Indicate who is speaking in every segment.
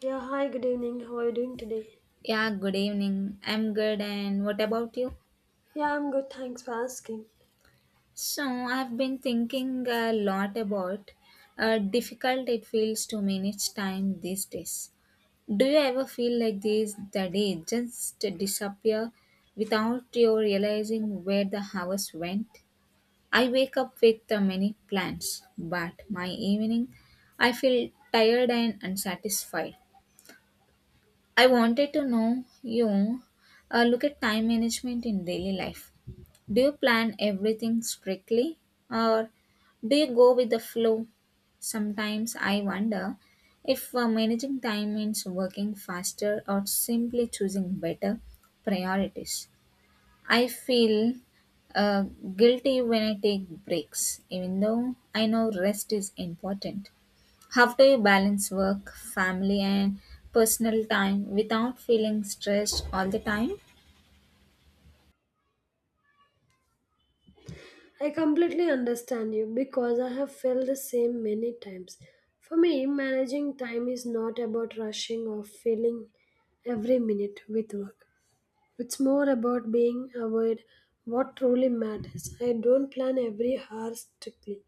Speaker 1: Yeah, hi, good evening. How are you doing today?
Speaker 2: Yeah, good evening. I'm good, and what about you?
Speaker 1: Yeah, I'm good. Thanks for asking.
Speaker 2: So, I've been thinking a lot about how difficult it feels to manage time these days. Do you ever feel like this, the day just disappear without you realizing where the hours went? I wake up with many plans, but my evening I feel tired and unsatisfied. I wanted to know you look at time management in daily life. Do you plan everything strictly or do you go with the flow? Sometimes I wonder if managing time means working faster or simply choosing better priorities. I feel uh, guilty when I take breaks, even though I know rest is important. How do you balance work, family, and personal time without feeling stressed all the time?
Speaker 1: I completely understand you because I have felt the same many times. For me, managing time is not about rushing or filling every minute with work. It's more about being aware what truly matters. I don't plan every hour strictly,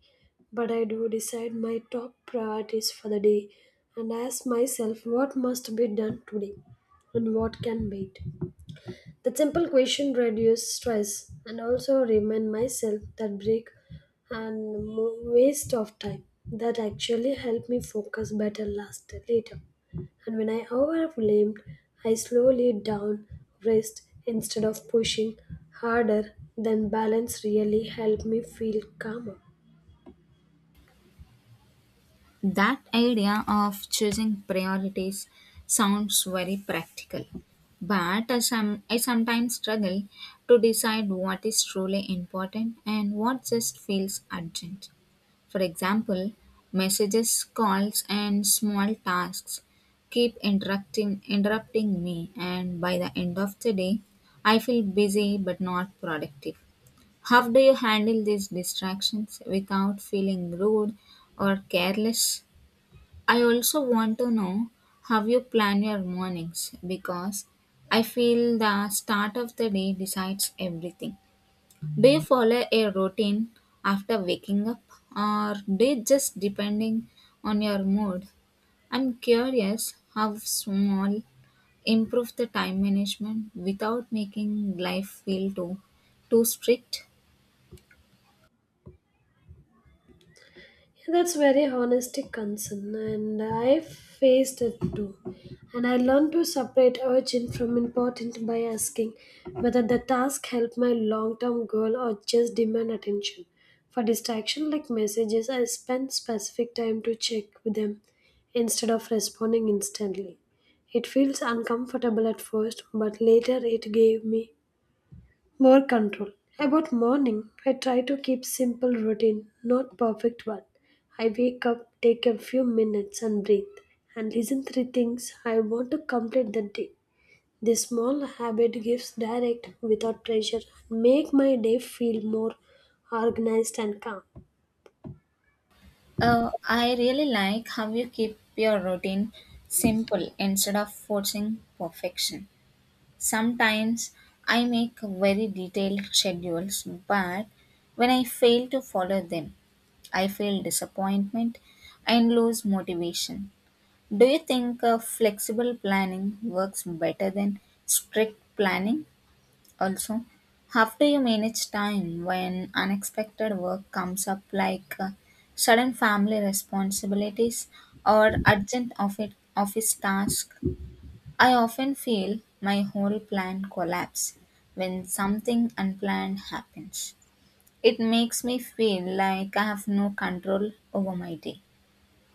Speaker 1: but I do decide my top priorities for the day and ask myself what must be done today and what can wait. That simple question reduces stress and also remind myself that break and waste of time that actually help me focus better last later. And when I overwhelmed, I slowly down rest instead of pushing harder. Then balance really helped me feel calmer.
Speaker 2: That idea of choosing priorities sounds very practical, but I sometimes struggle to decide what is truly important and what just feels urgent. For example, messages, calls, and small tasks keep interrupting me, and by the end of the day, I feel busy but not productive. How do you handle these distractions without feeling rude or careless? I also want to know how you plan your mornings because I feel the start of the day decides everything. Do you follow a routine after waking up or do you just depending on your mood? I'm curious how small improve the time management without making life feel too strict.
Speaker 1: Yeah, that's very holistic concern, and I faced it too. And I learned to separate urgent from important by asking whether the task helped my long-term goal or just demand attention. For distraction like messages, I spend specific time to check with them instead of responding instantly. It feels uncomfortable at first, but later it gave me more control. About morning, I try to keep simple routine, not perfect one. I wake up, take a few minutes and breathe, and listen three things I want to complete that day. This small habit gives direct without pressure and make my day feel more organized and calm.
Speaker 2: I really like how you keep your routine simple instead of forcing perfection. Sometimes I make very detailed schedules, but when I fail to follow them, I feel disappointment and lose motivation. Do you think flexible planning works better than strict planning? Also, how do you manage time when unexpected work comes up, like sudden family responsibilities or urgent office tasks? I often feel my whole plan collapse when something unplanned happens. It makes me feel like I have no control over my day.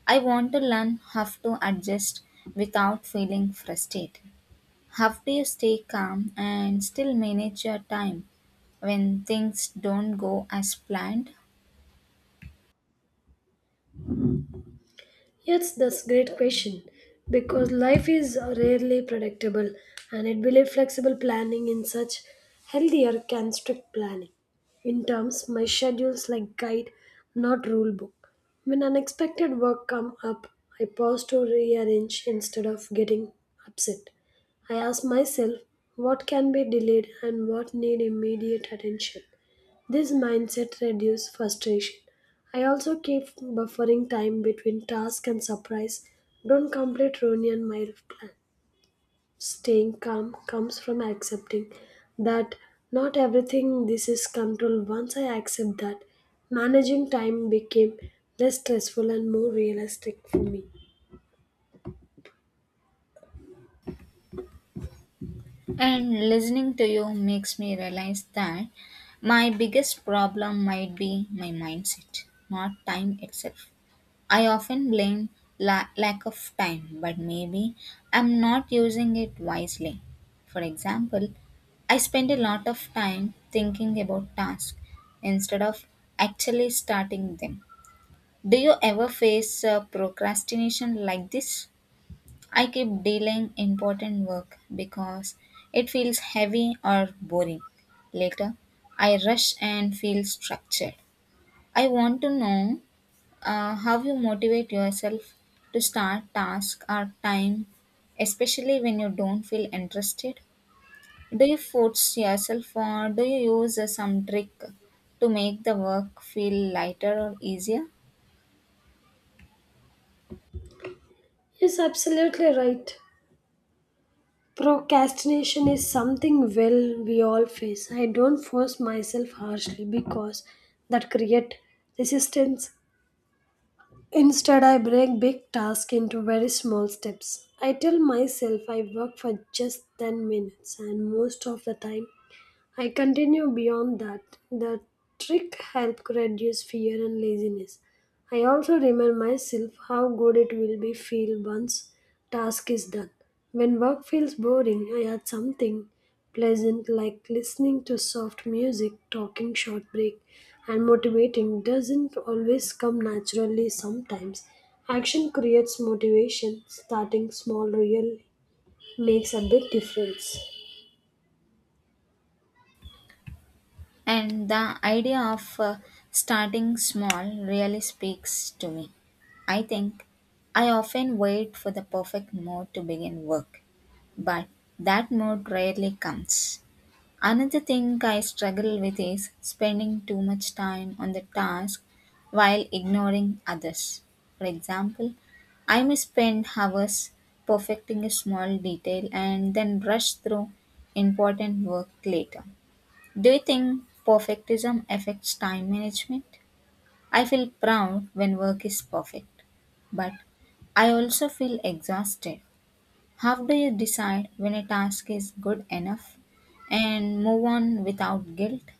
Speaker 2: I want to learn how to adjust without feeling frustrated. How do you stay calm and still manage your time when things don't go as planned?
Speaker 1: Yes, that's a great question. Because life is rarely predictable and it believes flexible planning in such healthier can strict planning. In terms, my schedules like guide, not rule book. When unexpected work come up, I pause to rearrange instead of getting upset. I ask myself what can be delayed and what need immediate attention. This mindset reduces frustration. I also keep buffering time between task and surprise. Don't complete ruin my plan. Staying calm comes from accepting that not everything this is controlled. Once I accept that, managing time became less stressful and more realistic for me.
Speaker 2: And listening to you makes me realize that my biggest problem might be my mindset, not time itself. I often blame lack of time, but maybe I'm not using it wisely. For example, I spend a lot of time thinking about tasks instead of actually starting them. Do you ever face procrastination like this? I keep delaying important work because it feels heavy or boring. Later, I rush and feel structured. I want to know how you motivate yourself to start task or time, especially when you don't feel interested. Do you force yourself or do you use some trick to make the work feel lighter or easier?
Speaker 1: Yes, absolutely right. Procrastination is something well we all face. I don't force myself harshly because that create resistance. Instead, I break big tasks into very small steps. I tell myself I work for just 10 minutes and most of the time I continue beyond that. The trick helped reduce fear and laziness. I also remind myself how good it will be feel once task is done. When work feels boring, I add something pleasant like listening to soft music, talking short break, and motivating doesn't always come naturally sometimes. Action creates motivation. Starting small really makes a big difference.
Speaker 2: And the idea of starting small really speaks to me. I think I often wait for the perfect mood to begin work, but that mood rarely comes. Another thing I struggle with is spending too much time on the task while ignoring others. For example, I may spend hours perfecting a small detail and then rush through important work later. Do you think perfectism affects time management? I feel proud when work is perfect, but I also feel exhausted. How do you decide when a task is good enough and move on without guilt?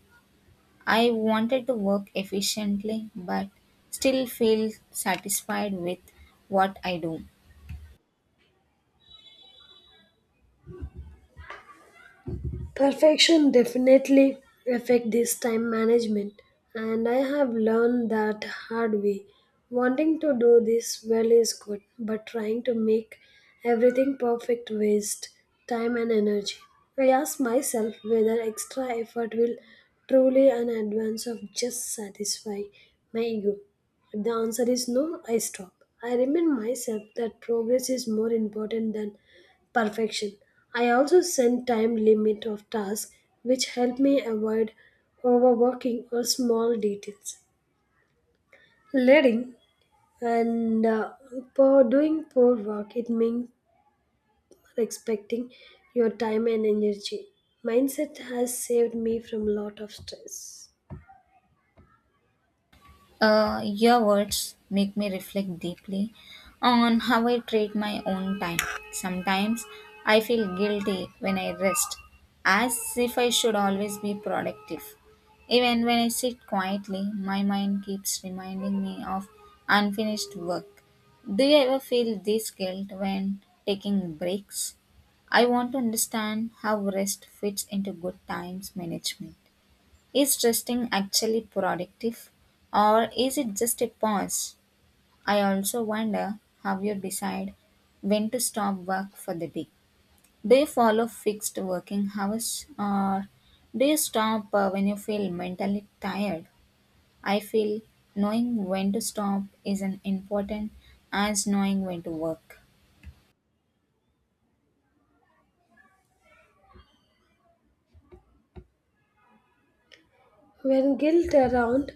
Speaker 2: I wanted to work efficiently but still feel satisfied with what I do.
Speaker 1: Perfection definitely affect this time management and I have learned that hard way. Wanting to do this well is good, but trying to make everything perfect waste time and energy. I ask myself whether extra effort will truly an advance of just satisfy my ego. If the answer is no, I stop. I remind myself that progress is more important than perfection. I also set time limit of tasks which help me avoid overworking or small details. Letting and for doing poor work, it means respecting your time and energy. Mindset has saved me from lot of stress.
Speaker 2: Your words make me reflect deeply on how I treat my own time. Sometimes I feel guilty when I rest, as if I should always be productive. Even when I sit quietly, my mind keeps reminding me of unfinished work. Do you ever feel this guilt when taking breaks? I want to understand how rest fits into good times management. Is resting actually productive or is it just a pause? I also wonder how you decide when to stop work for the day. Do you follow fixed working hours or do you stop when you feel mentally tired? I feel knowing when to stop is as important as knowing when to work.
Speaker 1: When guilt around,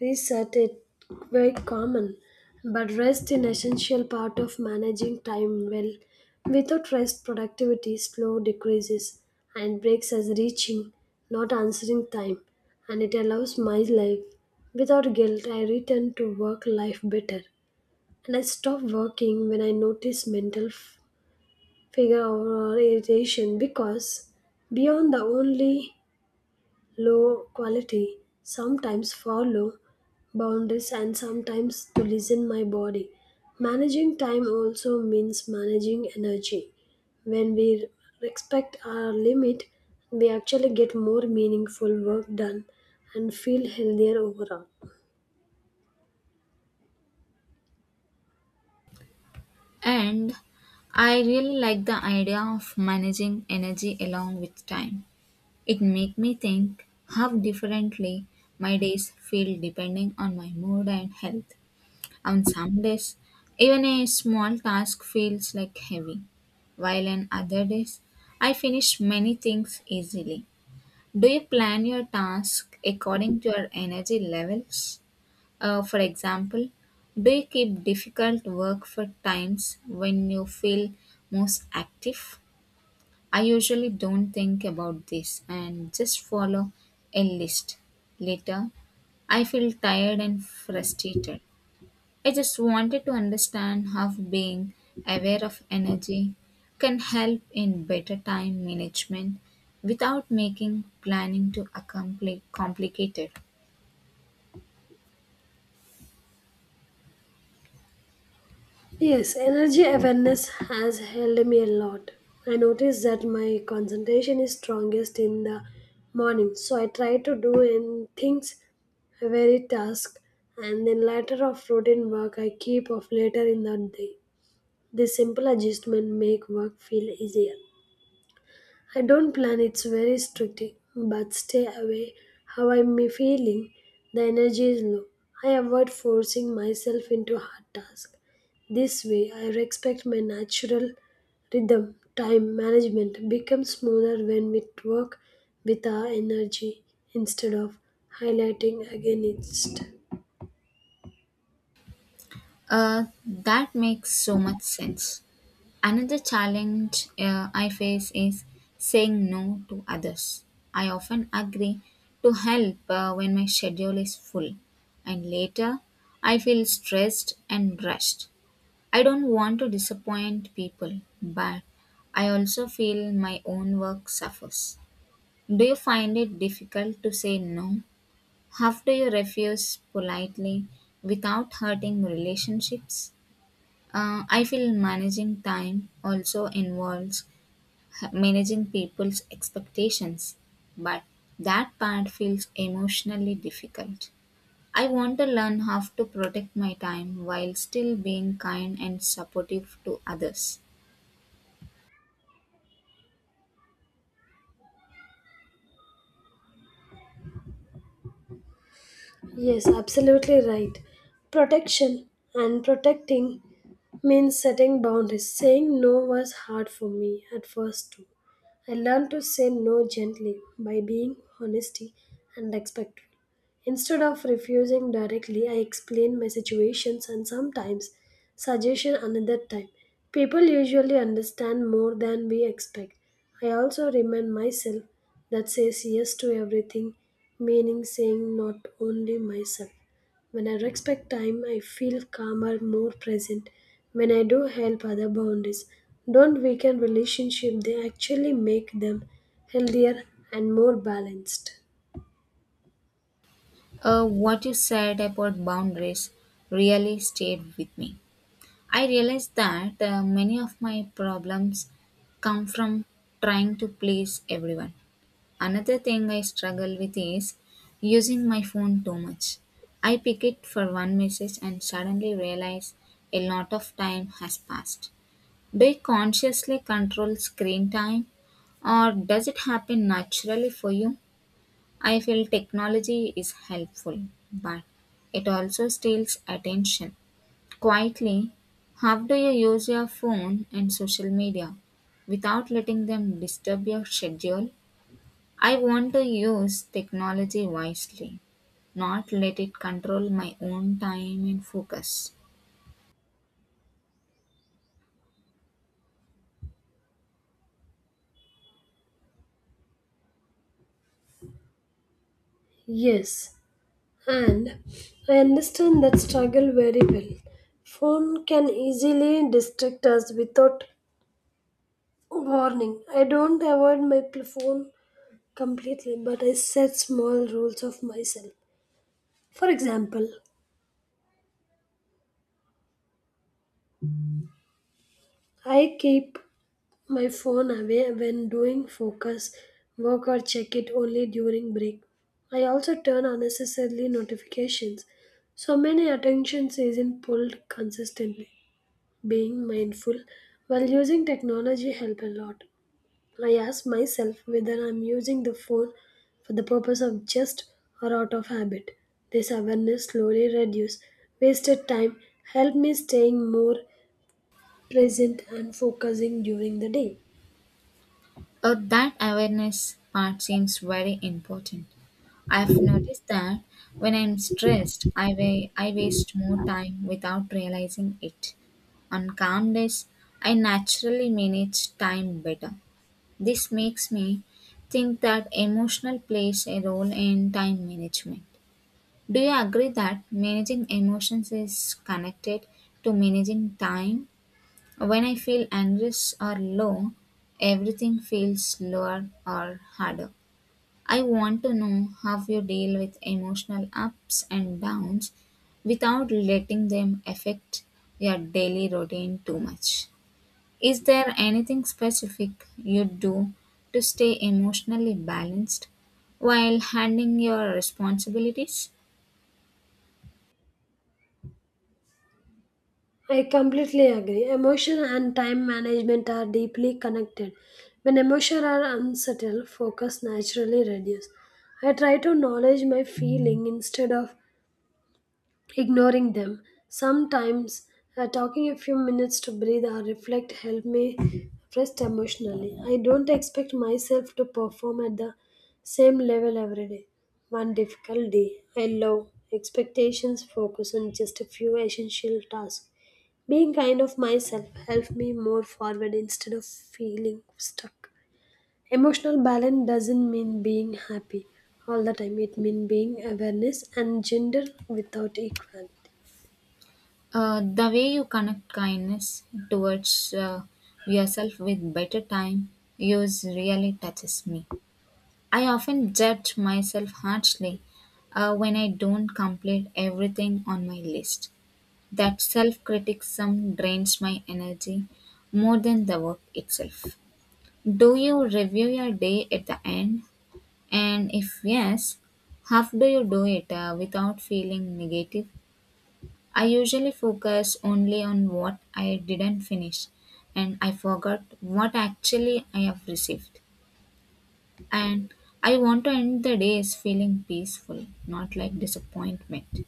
Speaker 1: reset it very common, but rest an essential part of managing time well. Without rest, productivity slow decreases and breaks as reaching, not answering time, and it allows my life. Without guilt, I return to work life better, and I stop working when I notice mental figure or irritation because beyond the only low quality sometimes follow boundaries and sometimes to listen my body managing time also means managing energy when we respect our limit we actually get more meaningful work done and feel healthier overall.
Speaker 2: And I really like the idea of managing energy along with time. It make me think how differently my days feel depending on my mood and health. On some days, even a small task feels like heavy, while on other days, I finish many things easily. Do you plan your task according to your energy levels? For example, do you keep difficult work for times when you feel most active? I usually don't think about this and just follow a list. Later, I feel tired and frustrated. I just wanted to understand how being aware of energy can help in better time management without making planning too complicated.
Speaker 1: Yes, energy awareness has helped me a lot. I notice that my concentration is strongest in the morning, so I try to do in things a very task and then later of routine work I keep off later in the day. This simple adjustment make work feel easier. I don't plan it's very strict, but stay away how I'm feeling. The energy is low. I avoid forcing myself into hard tasks. This way I respect my natural rhythm. Time management becomes smoother when we work with our energy instead of highlighting against it.
Speaker 2: That makes so much sense. Another challenge I face is saying no to others. I often agree to help when my schedule is full, and later I feel stressed and rushed. I don't want to disappoint people, but I also feel my own work suffers. Do you find it difficult to say no? How do you refuse politely without hurting relationships? I feel managing time also involves managing people's expectations, but that part feels emotionally difficult. I want to learn how to protect my time while still being kind and supportive to others.
Speaker 1: Yes, absolutely right. Protection and protecting means setting boundaries. Saying no was hard for me at first too. I learned to say no gently by being honesty and respectful. Instead of refusing directly, I explained my situations and sometimes suggestion another time. People usually understand more than we expect. I also remind myself that says yes to everything, meaning saying not only myself. When I respect time, I feel calmer, more present. When I do help other boundaries, don't weaken relationship, they actually make them healthier and more balanced.
Speaker 2: What you said about boundaries really stayed with me. I realized that many of my problems come from trying to please everyone. Another thing I struggle with is using my phone too much. I pick it for one message and suddenly realize a lot of time has passed. Do you consciously control screen time or does it happen naturally for you? I feel technology is helpful, but it also steals attention. Quietly, how do you use your phone and social media without letting them disturb your schedule? I want to use technology wisely, not let it control my own time and focus.
Speaker 1: Yes. And I understand that struggle very well. Phone can easily distract us without warning. I don't avoid my phone completely, but I set small rules of myself. For example, I keep my phone away when doing focus work or check it only during break. I also turn unnecessarily notifications. So many attentions isn't pulled consistently. Being mindful while using technology help a lot. I ask myself whether I'm using the phone for the purpose of just or out of habit. This awareness slowly reduce wasted time, help me staying more present and focusing during the day.
Speaker 2: Oh, that awareness part seems very important. I've noticed that when I'm stressed, I waste more time without realizing it. On calm days, I naturally manage time better. This makes me think that emotional plays a role in time management. Do you agree that managing emotions is connected to managing time? When I feel anxious or low, everything feels slower or harder. I want to know how you deal with emotional ups and downs without letting them affect your daily routine too much. Is there anything specific you do to stay emotionally balanced while handling your responsibilities?
Speaker 1: I completely agree emotion and time management are deeply connected. When emotions are unsettled, focus naturally reduces. I try to acknowledge my feeling instead of ignoring them. Sometimes talking a few minutes to breathe or reflect help me rest emotionally. I don't expect myself to perform at the same level every day. One difficult day. I love expectations focus on just a few essential tasks. Being kind of myself helped me more forward instead of feeling stuck. Emotional balance doesn't mean being happy all the time. It means being awareness and gender without equality.
Speaker 2: The way you connect kindness towards yourself with better time use really touches me. I often judge myself harshly when I don't complete everything on my list. That self criticism drains my energy more than the work itself. Do you review your day at the end? And if yes, how do you do it without feeling negative? I usually focus only on what I didn't finish and I forgot what actually I have received. And I want to end the days feeling peaceful, not like disappointment.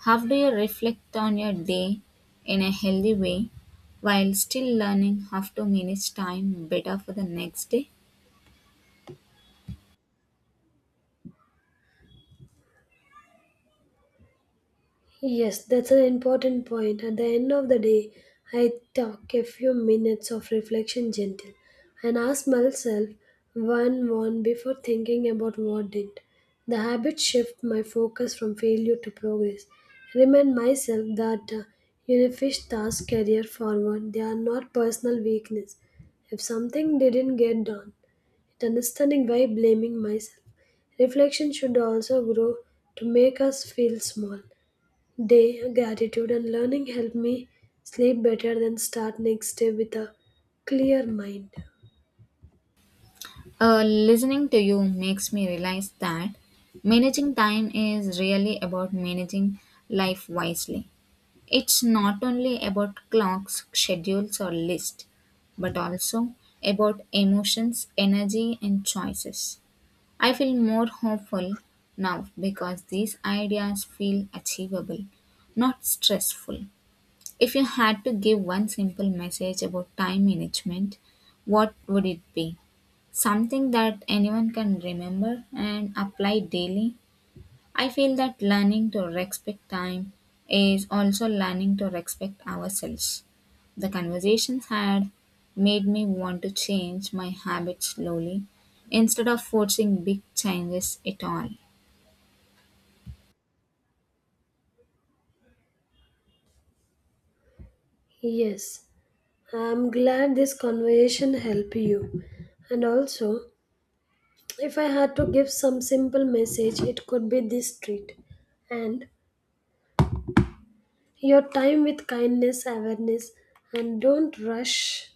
Speaker 2: How do you reflect on your day in a healthy way while still learning how to manage time better for the next day?
Speaker 1: Yes, that's an important point. At the end of the day, I took a few minutes of reflection gentle and asked myself one before thinking about what didn't. The habit shift my focus from failure to progress. Remind myself that unfinished tasks career forward. They are not personal weakness. If something didn't get done, it understanding why blaming myself. Reflection should also grow to make us feel small day, gratitude and learning help me sleep better than start next day with a clear mind.
Speaker 2: Listening to you makes me realize that managing time is really about managing life wisely. It's not only about clocks, schedules, or lists, but also about emotions, energy, and choices. I feel more hopeful now because these ideas feel achievable, not stressful. If you had to give one simple message about time management, what would it be? Something that anyone can remember and apply daily? I feel that learning to respect time is also learning to respect ourselves. The conversations had made me want to change my habits slowly instead of forcing big changes at all.
Speaker 1: Yes, I'm glad this conversation helped you. And also, if I had to give some simple message, it could be this treat. And your time with kindness, awareness, and don't rush.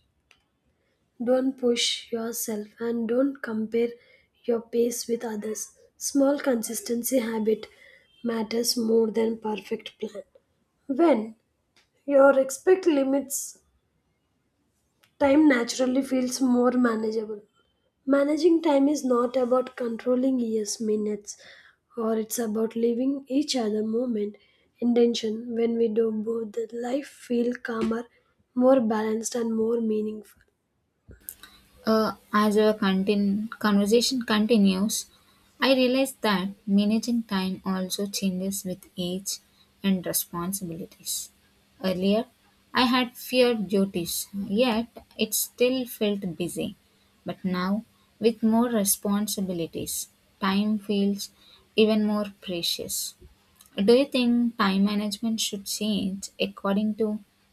Speaker 1: Don't push yourself and don't compare your pace with others. Small consistency habit matters more than perfect plan. When your expect limits, time naturally feels more manageable. Managing time is not about controlling years, minutes, or it's about living each other moment intention. When we do both, the life feel calmer, more balanced, and more meaningful.
Speaker 2: As our contin- conversation continues, I realize that managing time also changes with age and responsibilities. Earlier, I had fewer duties, yet it still felt busy. But now, with more responsibilities, time feels even more precious. Do you think time management should change according to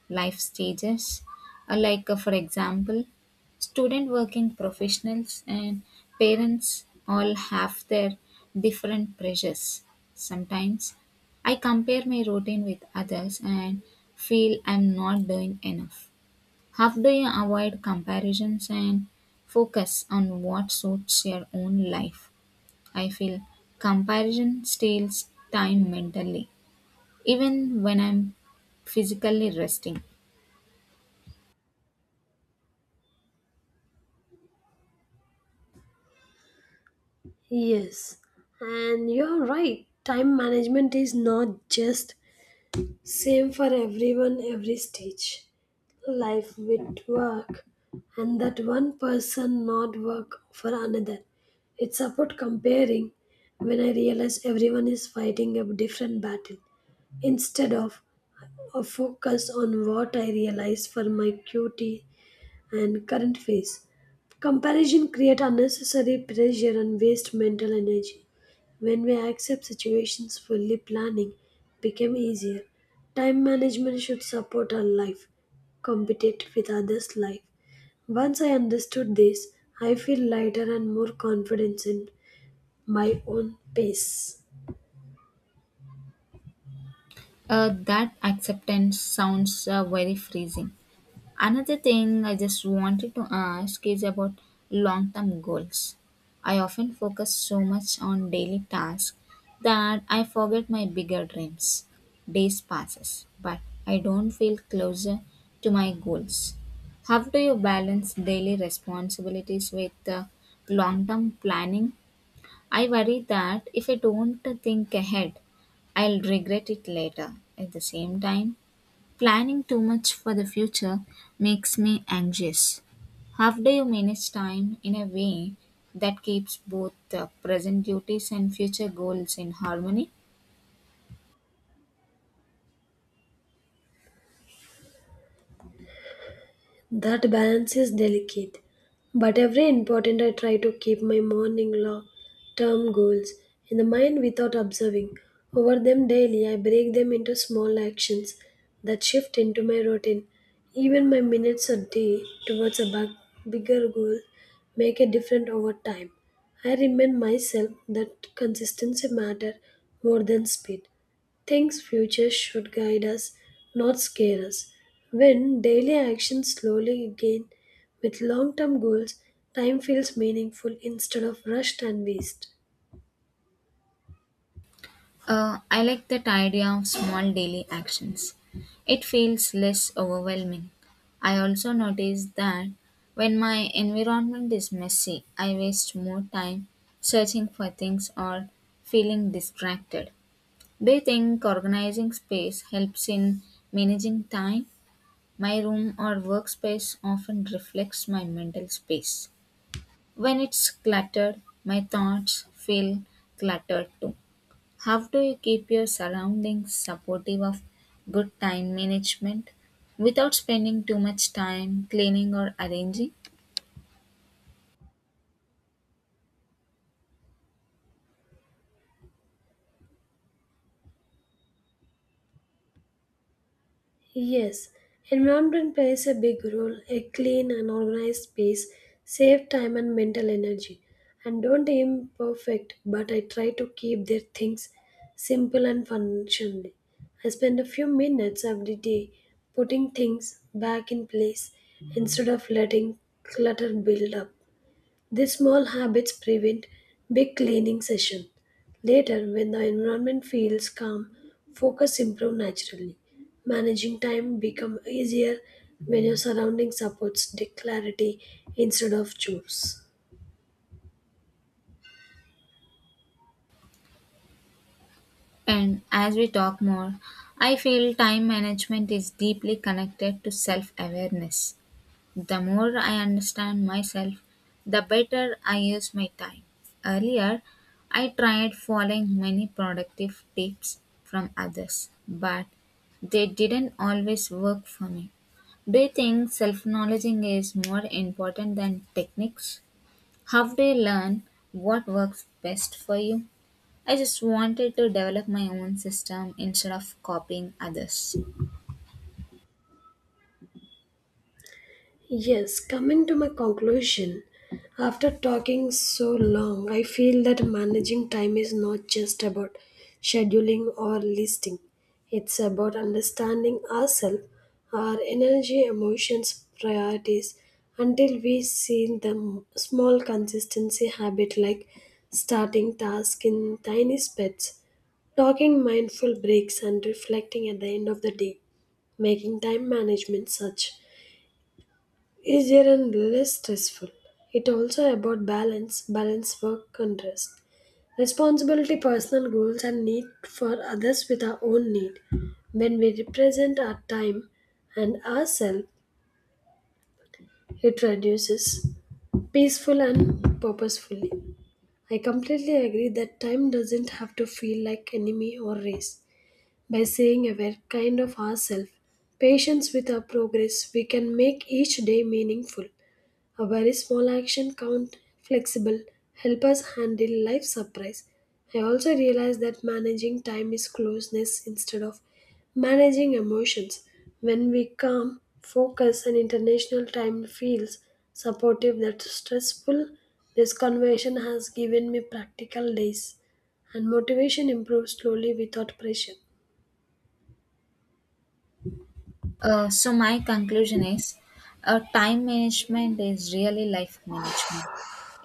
Speaker 2: life stages? Like, for example, student working professionals and parents all have their different pressures. Sometimes I compare my routine with others and feel I'm not doing enough. How do you avoid comparisons and focus on what suits your own life? I feel comparison steals time mentally even when I'm physically resting.
Speaker 1: Yes, and you're right. Time management is not just same for everyone every stage. Life with work and that one person not work for another. It's about comparing when I realize everyone is fighting a different battle instead of a focus on what I realize for my cutie and current phase. Comparison create unnecessary pressure and waste mental energy. When we accept situations fully planning became easier. Time management should support our life, compete with others' life. Once I understood this, I feel lighter and more confidence in my own pace.
Speaker 2: That acceptance sounds very freezing. Another thing I just wanted to ask is about long term goals. I often focus so much on daily tasks that I forget my bigger dreams. Days passes, but I don't feel closer to my goals. How do you balance daily responsibilities with long term planning? I worry that if I don't think ahead, I'll regret it later. At the same time, planning too much for the future makes me anxious. How do you manage time in a way that keeps both present duties and future goals in harmony?
Speaker 1: That balance is delicate, but every important I try to keep my morning long term goals in the mind without observing over them daily. I break them into small actions that shift into my routine. Even my minutes a day towards a bigger goal make a difference over time. I remind myself that consistency matter more than speed. Things future should guide us, not scare us. When daily actions slowly gain with long term goals, time feels meaningful instead of rushed and waste.
Speaker 2: I like that idea of small daily actions. It feels less overwhelming. I also noticed that when my environment is messy, I waste more time searching for things or feeling distracted. Do you think organizing space helps in managing time? My room or workspace often reflects my mental space. When it's cluttered, my thoughts feel cluttered too. How do you keep your surroundings supportive of good time management without spending too much time cleaning or arranging?
Speaker 1: Yes, environment plays a big role. A clean and organized space save time and mental energy. And don't aim perfect, but I try to keep their things simple and functional. I spend a few minutes every day putting things back in place instead of letting clutter build up. These small habits prevent big cleaning sessions. Later, when the environment feels calm, focus improves naturally. Managing time becomes easier when your surroundings supports clarity instead of chores.
Speaker 2: And as we talk more, I feel time management is deeply connected to self awareness. The more I understand myself, the better I use my time. Earlier, I tried following many productive tips from others, but they didn't always work for me. Do you think self knowledging is more important than techniques? How do you learn what works best for you? I just wanted to develop my own system instead of copying others.
Speaker 1: Yes, coming to my conclusion, after talking so long, I feel that managing time is not just about scheduling or listing. It's about understanding ourselves, our energy, emotions, priorities, until we see the small consistency habit like starting tasks in tiny spats, talking mindful breaks, and reflecting at the end of the day making time management such easier and less stressful. It also about balance, balance work and rest, responsibility, personal goals, and need for others with our own need. When we represent our time and ourselves, it reduces peaceful and purposefully. I completely agree that time doesn't have to feel like enemy or race. By saying aware kind of ourselves, patience with our progress, we can make each day meaningful. A very small action count flexible help us handle life surprise. I also realize that managing time is closeness instead of managing emotions. When we calm, focus and international time feels supportive that stressful, this conversation has given me practical days and motivation improves slowly without pressure.
Speaker 2: So my conclusion is, time management is really life management.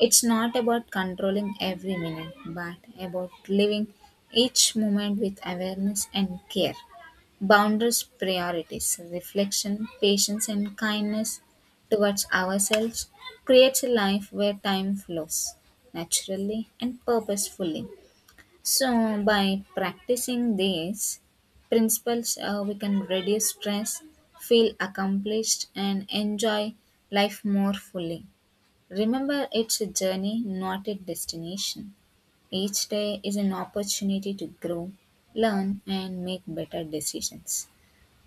Speaker 2: It's not about controlling every minute, but about living each moment with awareness and care. Boundaries, priorities, reflection, patience, and kindness towards ourselves creates a life where time flows naturally and purposefully. So, by practicing these principles, we can reduce stress, feel accomplished, and enjoy life more fully. Remember, it's a journey, not a destination. Each day is an opportunity to grow, learn, and make better decisions.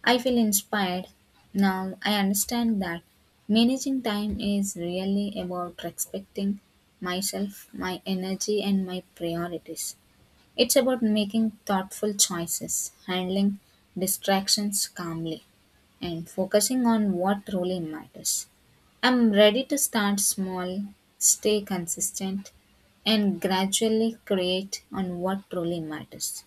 Speaker 2: I feel inspired. Now I understand that managing time is really about respecting myself, my energy, and my priorities. It's about making thoughtful choices, handling distractions calmly, and focusing on what really matters. I'm ready to start small, stay consistent, and gradually create on what truly matters.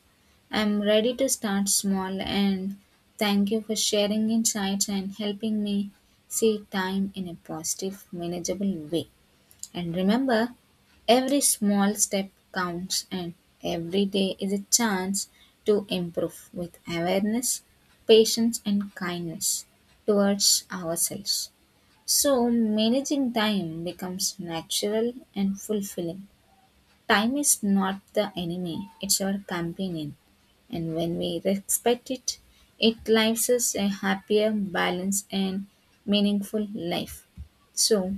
Speaker 2: I'm ready to start small and thank you for sharing insights and helping me see time in a positive, manageable way. And remember, every small step counts, and every day is a chance to improve with awareness, patience, and kindness towards ourselves. So, managing time becomes natural and fulfilling. Time is not the enemy, it's our companion. And when we respect it, it lives us a happier, balanced, and meaningful life. So,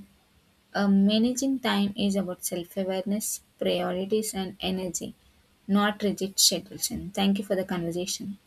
Speaker 2: managing time is about self awareness, priorities, and energy, not rigid schedules. And thank you for the conversation.